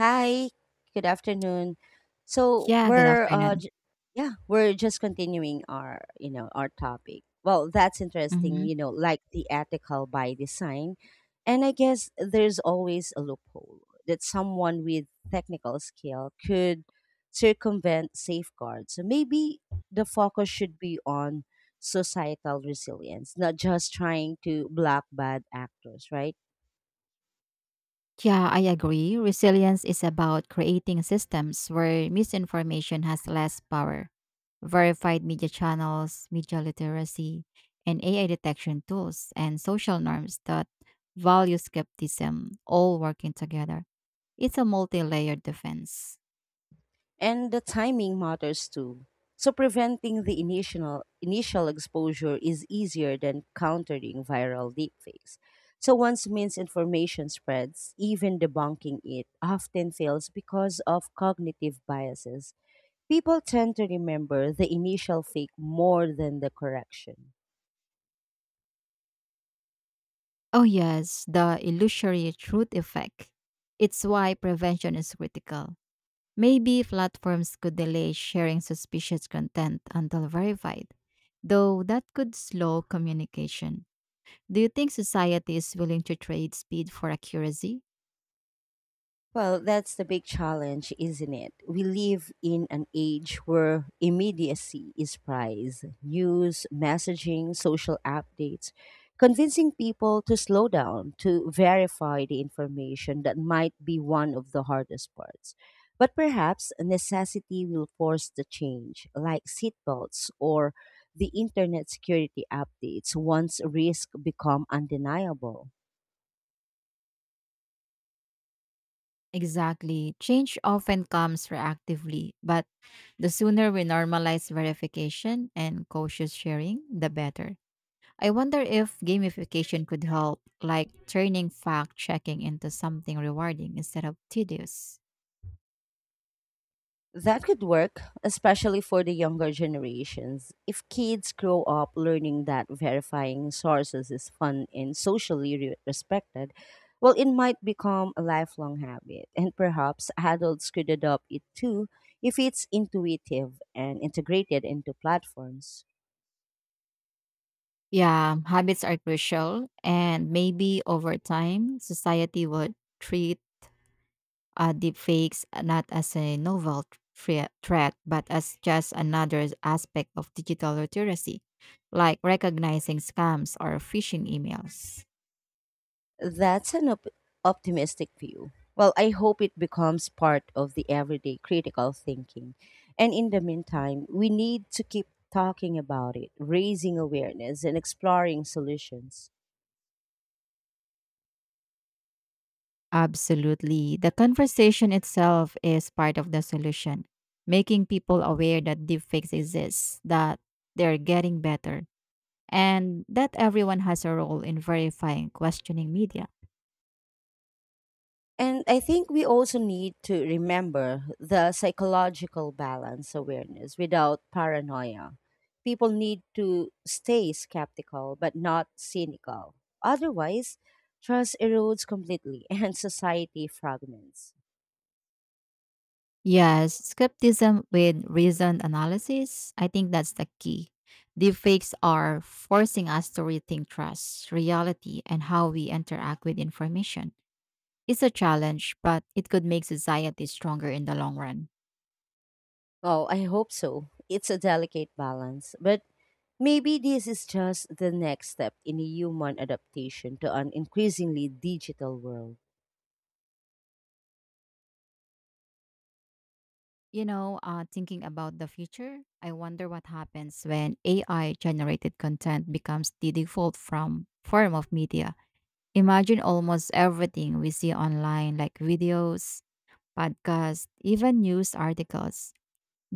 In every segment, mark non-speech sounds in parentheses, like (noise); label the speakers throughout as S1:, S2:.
S1: Hi, good afternoon. So
S2: Yeah, good
S1: we're uh
S2: afternoon.
S1: j- yeah, we're just continuing our our topic. Well, that's interesting,
S2: hmm
S1: you know, like the ethical by design. And I guess there's always a loophole that someone with technical skill could circumvent safeguards. So maybe the focus should be on societal resilience, not just trying to block bad actors, right?
S2: Yeah, I agree. Resilience is about creating systems where misinformation has less power. Verified media channels, media literacy, and AI detection tools, and social norms that value skepticism all working together. It's a multi layered defense.
S1: And the timing matters too. So preventing the initial exposure is easier than countering viral deepfakes. So once misinformation spreads, even debunking it often fails because of cognitive biases. People tend to remember the initial fake more than the correction.
S2: Oh, yes, the illusory truth effect. It's why prevention is critical. Maybe platforms could delay sharing suspicious content until verified, though that could slow communication. Do you think society is willing to trade speed for accuracy?
S1: Well, that's the big challenge, isn't it? We live in an age where immediacy is prized. News, messaging, social updates, convincing people to slow down, to verify the information that might be one of the hardest parts. But perhaps necessity will force the change, like seatbelts or the internet security updates once risk become undeniable.
S2: Exactly. Change often comes reactively, but the sooner we normalize verification and cautious sharing, the better. I wonder if gamification could help, like turning fact checking into something rewarding instead of tedious.
S1: That could work, especially for the younger generations. If kids grow up learning that verifying sources is fun and socially respected, well, it might become a lifelong habit. And perhaps adults could adopt it too if it's intuitive and integrated into platforms.
S2: Yeah, habits are crucial, and maybe over time, society would treat deepfakes not as a novel threat, but as just another aspect of digital literacy, like recognizing scams or phishing emails.
S1: That's an optimistic view. Well, I hope it becomes part of the everyday critical thinking. And in the meantime, we need to keep talking about it, raising awareness, and exploring solutions.
S2: Absolutely. The conversation itself is part of the solution, making people aware that deepfakes exist, that they're getting better, and that everyone has a role in verifying questioning media.
S1: And I think we also need to remember the psychological balance awareness without paranoia. People need to stay skeptical but not cynical. Otherwise, trust erodes completely (laughs) and society fragments.
S2: Yes, skepticism with reasoned analysis. I think that's the key. Deepfakes are forcing us to rethink trust, reality, and how we interact with information. It's a challenge, but it could make society stronger in the long run.
S1: Oh, I hope so. It's a delicate balance, but maybe this is just the next step in human adaptation to an increasingly digital world.
S2: Thinking about the future, I wonder what happens when AI generated content becomes the default from form of media. Imagine almost everything we see online, like videos, podcasts, even news articles,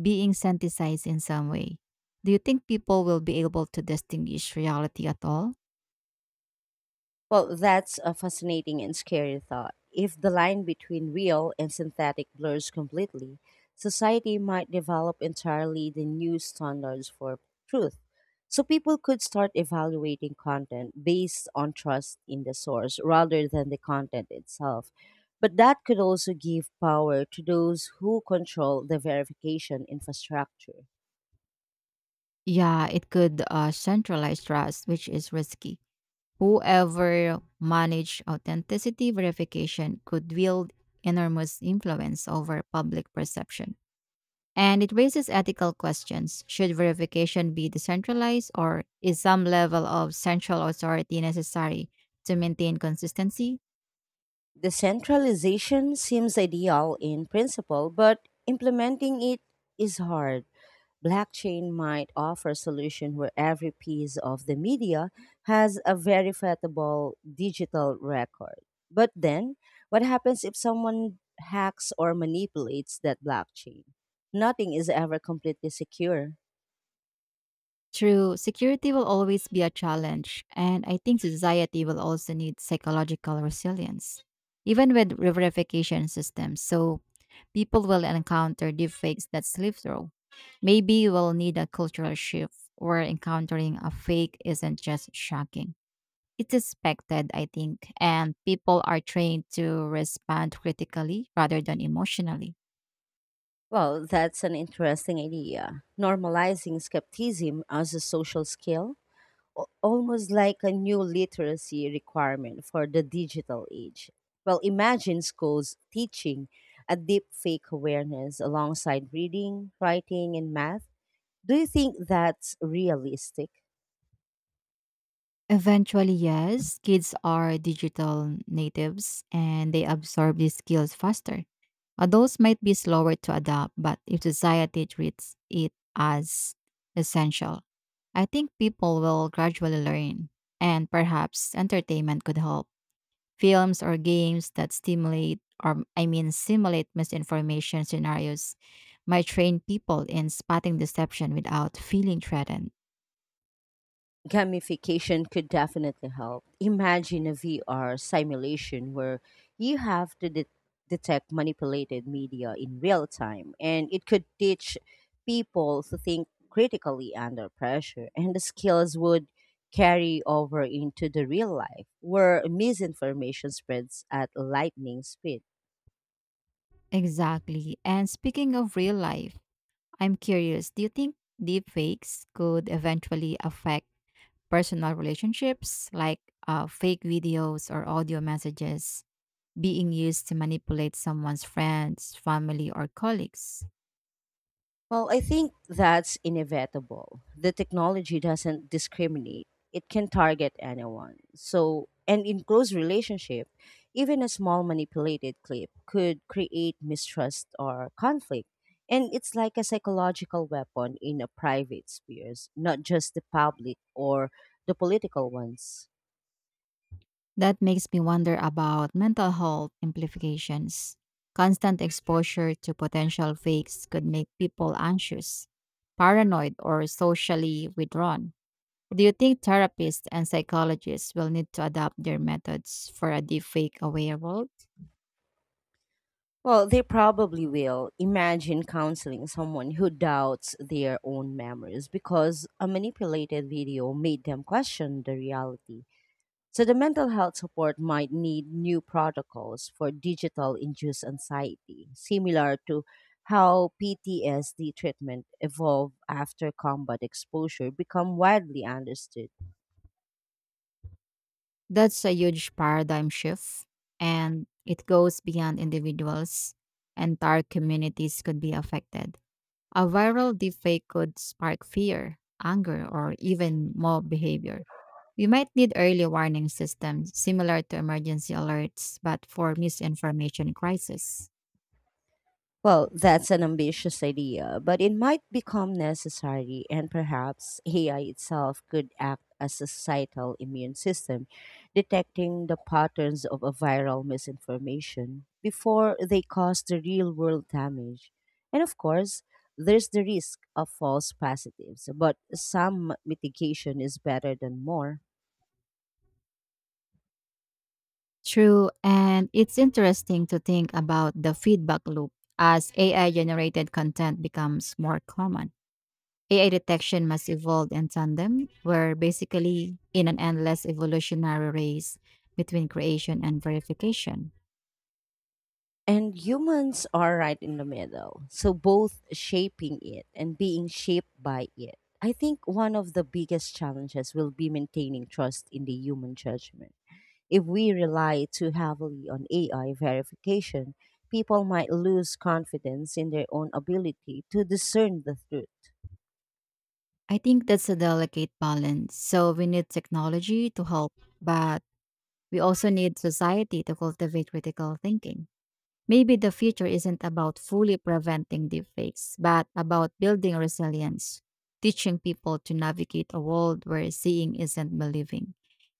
S2: being synthesized in some way. Do you think people will be able to distinguish reality at all?
S1: Well, that's a fascinating and scary thought. If the line between real and synthetic blurs completely, society might develop entirely the new standards for truth. So people could start evaluating content based on trust in the source rather than the content itself. But that could also give power to those who control the verification infrastructure.
S2: Yeah, it could centralize trust, which is risky. Whoever managed authenticity verification could wield enormous influence over public perception. And it raises ethical questions. Should verification be decentralized, or is some level of central authority necessary to maintain consistency?
S1: Decentralization seems ideal in principle, but implementing it is hard. Blockchain might offer a solution where every piece of the media has a verifiable digital record. But then, what happens if someone hacks or manipulates that blockchain? Nothing is ever completely secure.
S2: True, security will always be a challenge, and I think society will also need psychological resilience, even with verification systems. So, people will encounter deepfakes that slip through. Maybe we'll need a cultural shift where encountering a fake isn't just shocking. It's expected, I think, and people are trained to respond critically rather than emotionally.
S1: Well, that's an interesting idea. Normalizing skepticism as a social skill almost like a new literacy requirement for the digital age. Well, imagine schools teaching a deep fake awareness alongside reading, writing, and math. Do you think that's realistic?
S2: Eventually, yes, kids are digital natives and they absorb these skills faster. Adults might be slower to adapt, but if society treats it as essential, I think people will gradually learn. And perhaps entertainment could help. Films or games that stimulate or simulate misinformation scenarios might train people in spotting deception without feeling threatened.
S1: Gamification could definitely help. Imagine a VR simulation where you have to detect manipulated media in real time, and it could teach people to think critically under pressure, and the skills would carry over into the real life where misinformation spreads at lightning speed.
S2: Exactly. And speaking of real life, I'm curious, do you think deepfakes could eventually affect personal relationships, like fake videos or audio messages being used to manipulate someone's friends, family, or colleagues?
S1: Well, I think that's inevitable. The technology doesn't discriminate. It can target anyone. So, and in close relationship, even a small manipulated clip could create mistrust or conflict. And it's like a psychological weapon in a private spheres, not just the public or the political ones.
S2: That makes me wonder about mental health implications. Constant exposure to potential fakes could make people anxious, paranoid, or socially withdrawn. Do you think therapists and psychologists will need to adapt their methods for a deepfake aware world?
S1: Well, they probably will. Imagine counseling someone who doubts their own memories because a manipulated video made them question the reality. So, the mental health support might need new protocols for digital induced anxiety, similar to how PTSD treatment evolved after combat exposure become widely understood.
S2: That's a huge paradigm shift, and it goes beyond individuals. Entire communities could be affected. A viral deepfake could spark fear, anger, or even mob behavior. We might need early warning systems similar to emergency alerts, but for misinformation crisis.
S1: Well, that's an ambitious idea, but it might become necessary, and perhaps AI itself could act as a societal immune system, detecting the patterns of a viral misinformation before they cause the real world damage. And of course, there's the risk of false positives, but some mitigation is better than more.
S2: True, and it's interesting to think about the feedback loop as AI generated content becomes more common. AI detection must evolve in tandem. We're basically in an endless evolutionary race between creation and verification.
S1: And humans are right in the middle. So both shaping it and being shaped by it. I think one of the biggest challenges will be maintaining trust in the human judgment. If we rely too heavily on AI verification, people might lose confidence in their own ability to discern the truth.
S2: I think that's a delicate balance. So we need technology to help, but we also need society to cultivate critical thinking. Maybe the future isn't about fully preventing deepfakes, but about building resilience, teaching people to navigate a world where seeing isn't believing.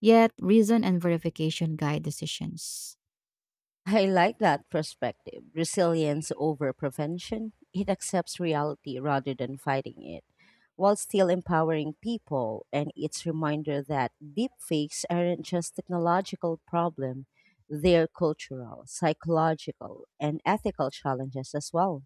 S2: Yet, reason and verification guide decisions.
S1: (laughs) I like that perspective. Resilience over prevention. It accepts reality rather than fighting it, while still empowering people. And it's reminder that deepfakes aren't just technological problem; they're cultural, psychological, and ethical challenges as well.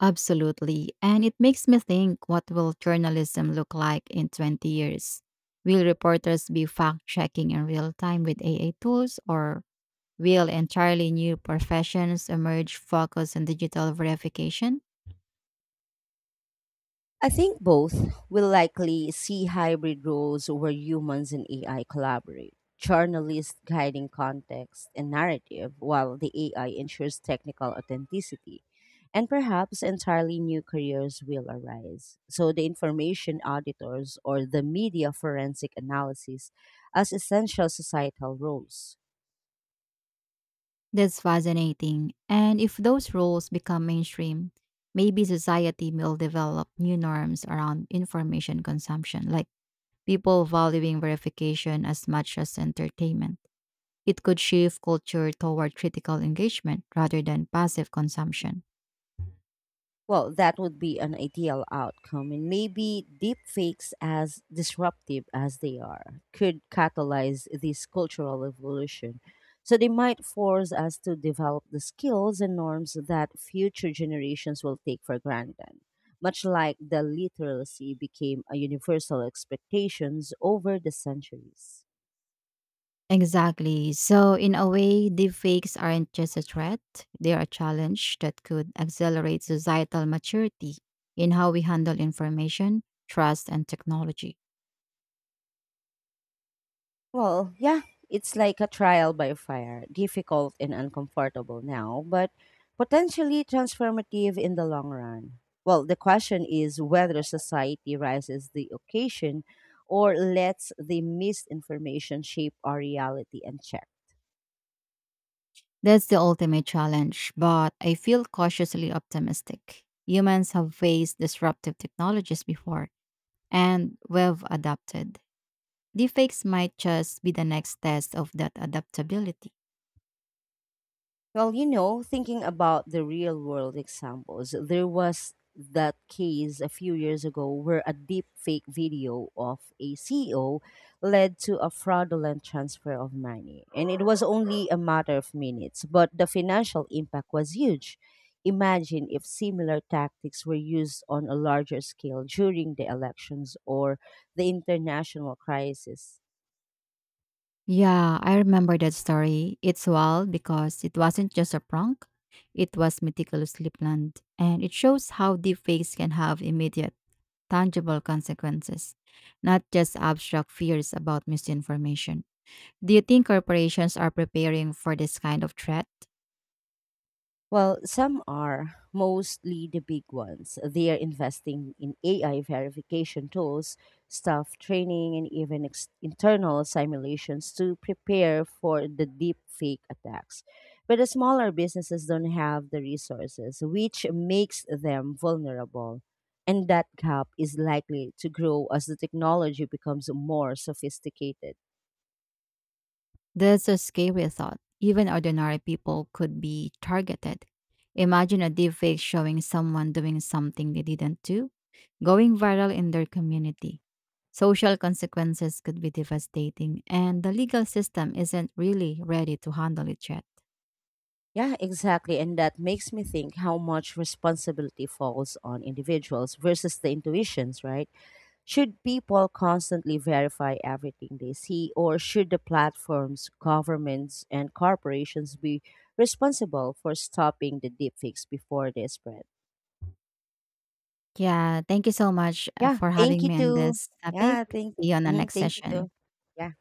S2: Absolutely. And it makes me think, what will journalism look like in 20 years? Will reporters be fact checking in real time with AI tools, or will entirely new professions emerge focused on digital verification?
S1: I think both will likely see hybrid roles where humans and AI collaborate, journalists guiding context and narrative, while the AI ensures technical authenticity. And perhaps entirely new careers will arise. So, the information auditors or the media forensic analysis as essential societal roles.
S2: That's fascinating. And if those roles become mainstream, maybe society will develop new norms around information consumption, like people valuing verification as much as entertainment. It could shift culture toward critical engagement rather than passive consumption.
S1: Well, that would be an ideal outcome, and maybe deepfakes, as disruptive as they are, could catalyze this cultural evolution. So they might force us to develop the skills and norms that future generations will take for granted, much like the literacy became a universal expectations over the centuries.
S2: Exactly. So, in a way, deepfakes aren't just a threat, they're a challenge that could accelerate societal maturity in how we handle information, trust, and technology.
S1: Well, yeah, it's like a trial by fire, difficult and uncomfortable now, but potentially transformative in the long run. Well, the question is whether society rises the occasion or lets the misinformation shape our reality and check.
S2: That's the ultimate challenge, but I feel cautiously optimistic. Humans have faced disruptive technologies before, and we've adapted. Deepfakes might just be the next test of that adaptability.
S1: Well, you know, thinking about the real world examples, there was that case a few years ago where a deep fake video of a CEO led to a fraudulent transfer of money. And it was only a matter of minutes, but the financial impact was huge. Imagine if similar tactics were used on a larger scale during the elections or the international crisis.
S2: Yeah, I remember that story. It's wild because it wasn't just a prank, it was meticulously planned, and it shows how deepfakes can have immediate, tangible consequences, not just abstract fears about misinformation. Do you think corporations are preparing for this kind of threat?
S1: Well, some are, mostly the big ones. They are investing in AI verification tools, staff training, and even internal simulations to prepare for the deep fake attacks. But the smaller businesses don't have the resources, which makes them vulnerable. And that gap is likely to grow as the technology becomes more sophisticated.
S2: That's a scary thought. Even ordinary people could be targeted. Imagine a deepfake showing someone doing something they didn't do, going viral in their community. Social consequences could be devastating, and the legal system isn't really ready to handle it yet.
S1: Yeah, exactly. And that makes me think how much responsibility falls on individuals versus the intuitions, right? Should people constantly verify everything they see, or should the platforms, governments, and corporations be responsible for stopping the deepfakes before they spread?
S2: Yeah, thank you so much
S1: Yeah,
S2: for
S1: thank
S2: having
S1: you
S2: me on
S1: too.
S2: this topic.
S1: Yeah, thank,
S2: See you on the
S1: mhm,
S2: next
S1: thank you
S2: session.
S1: too. Yeah.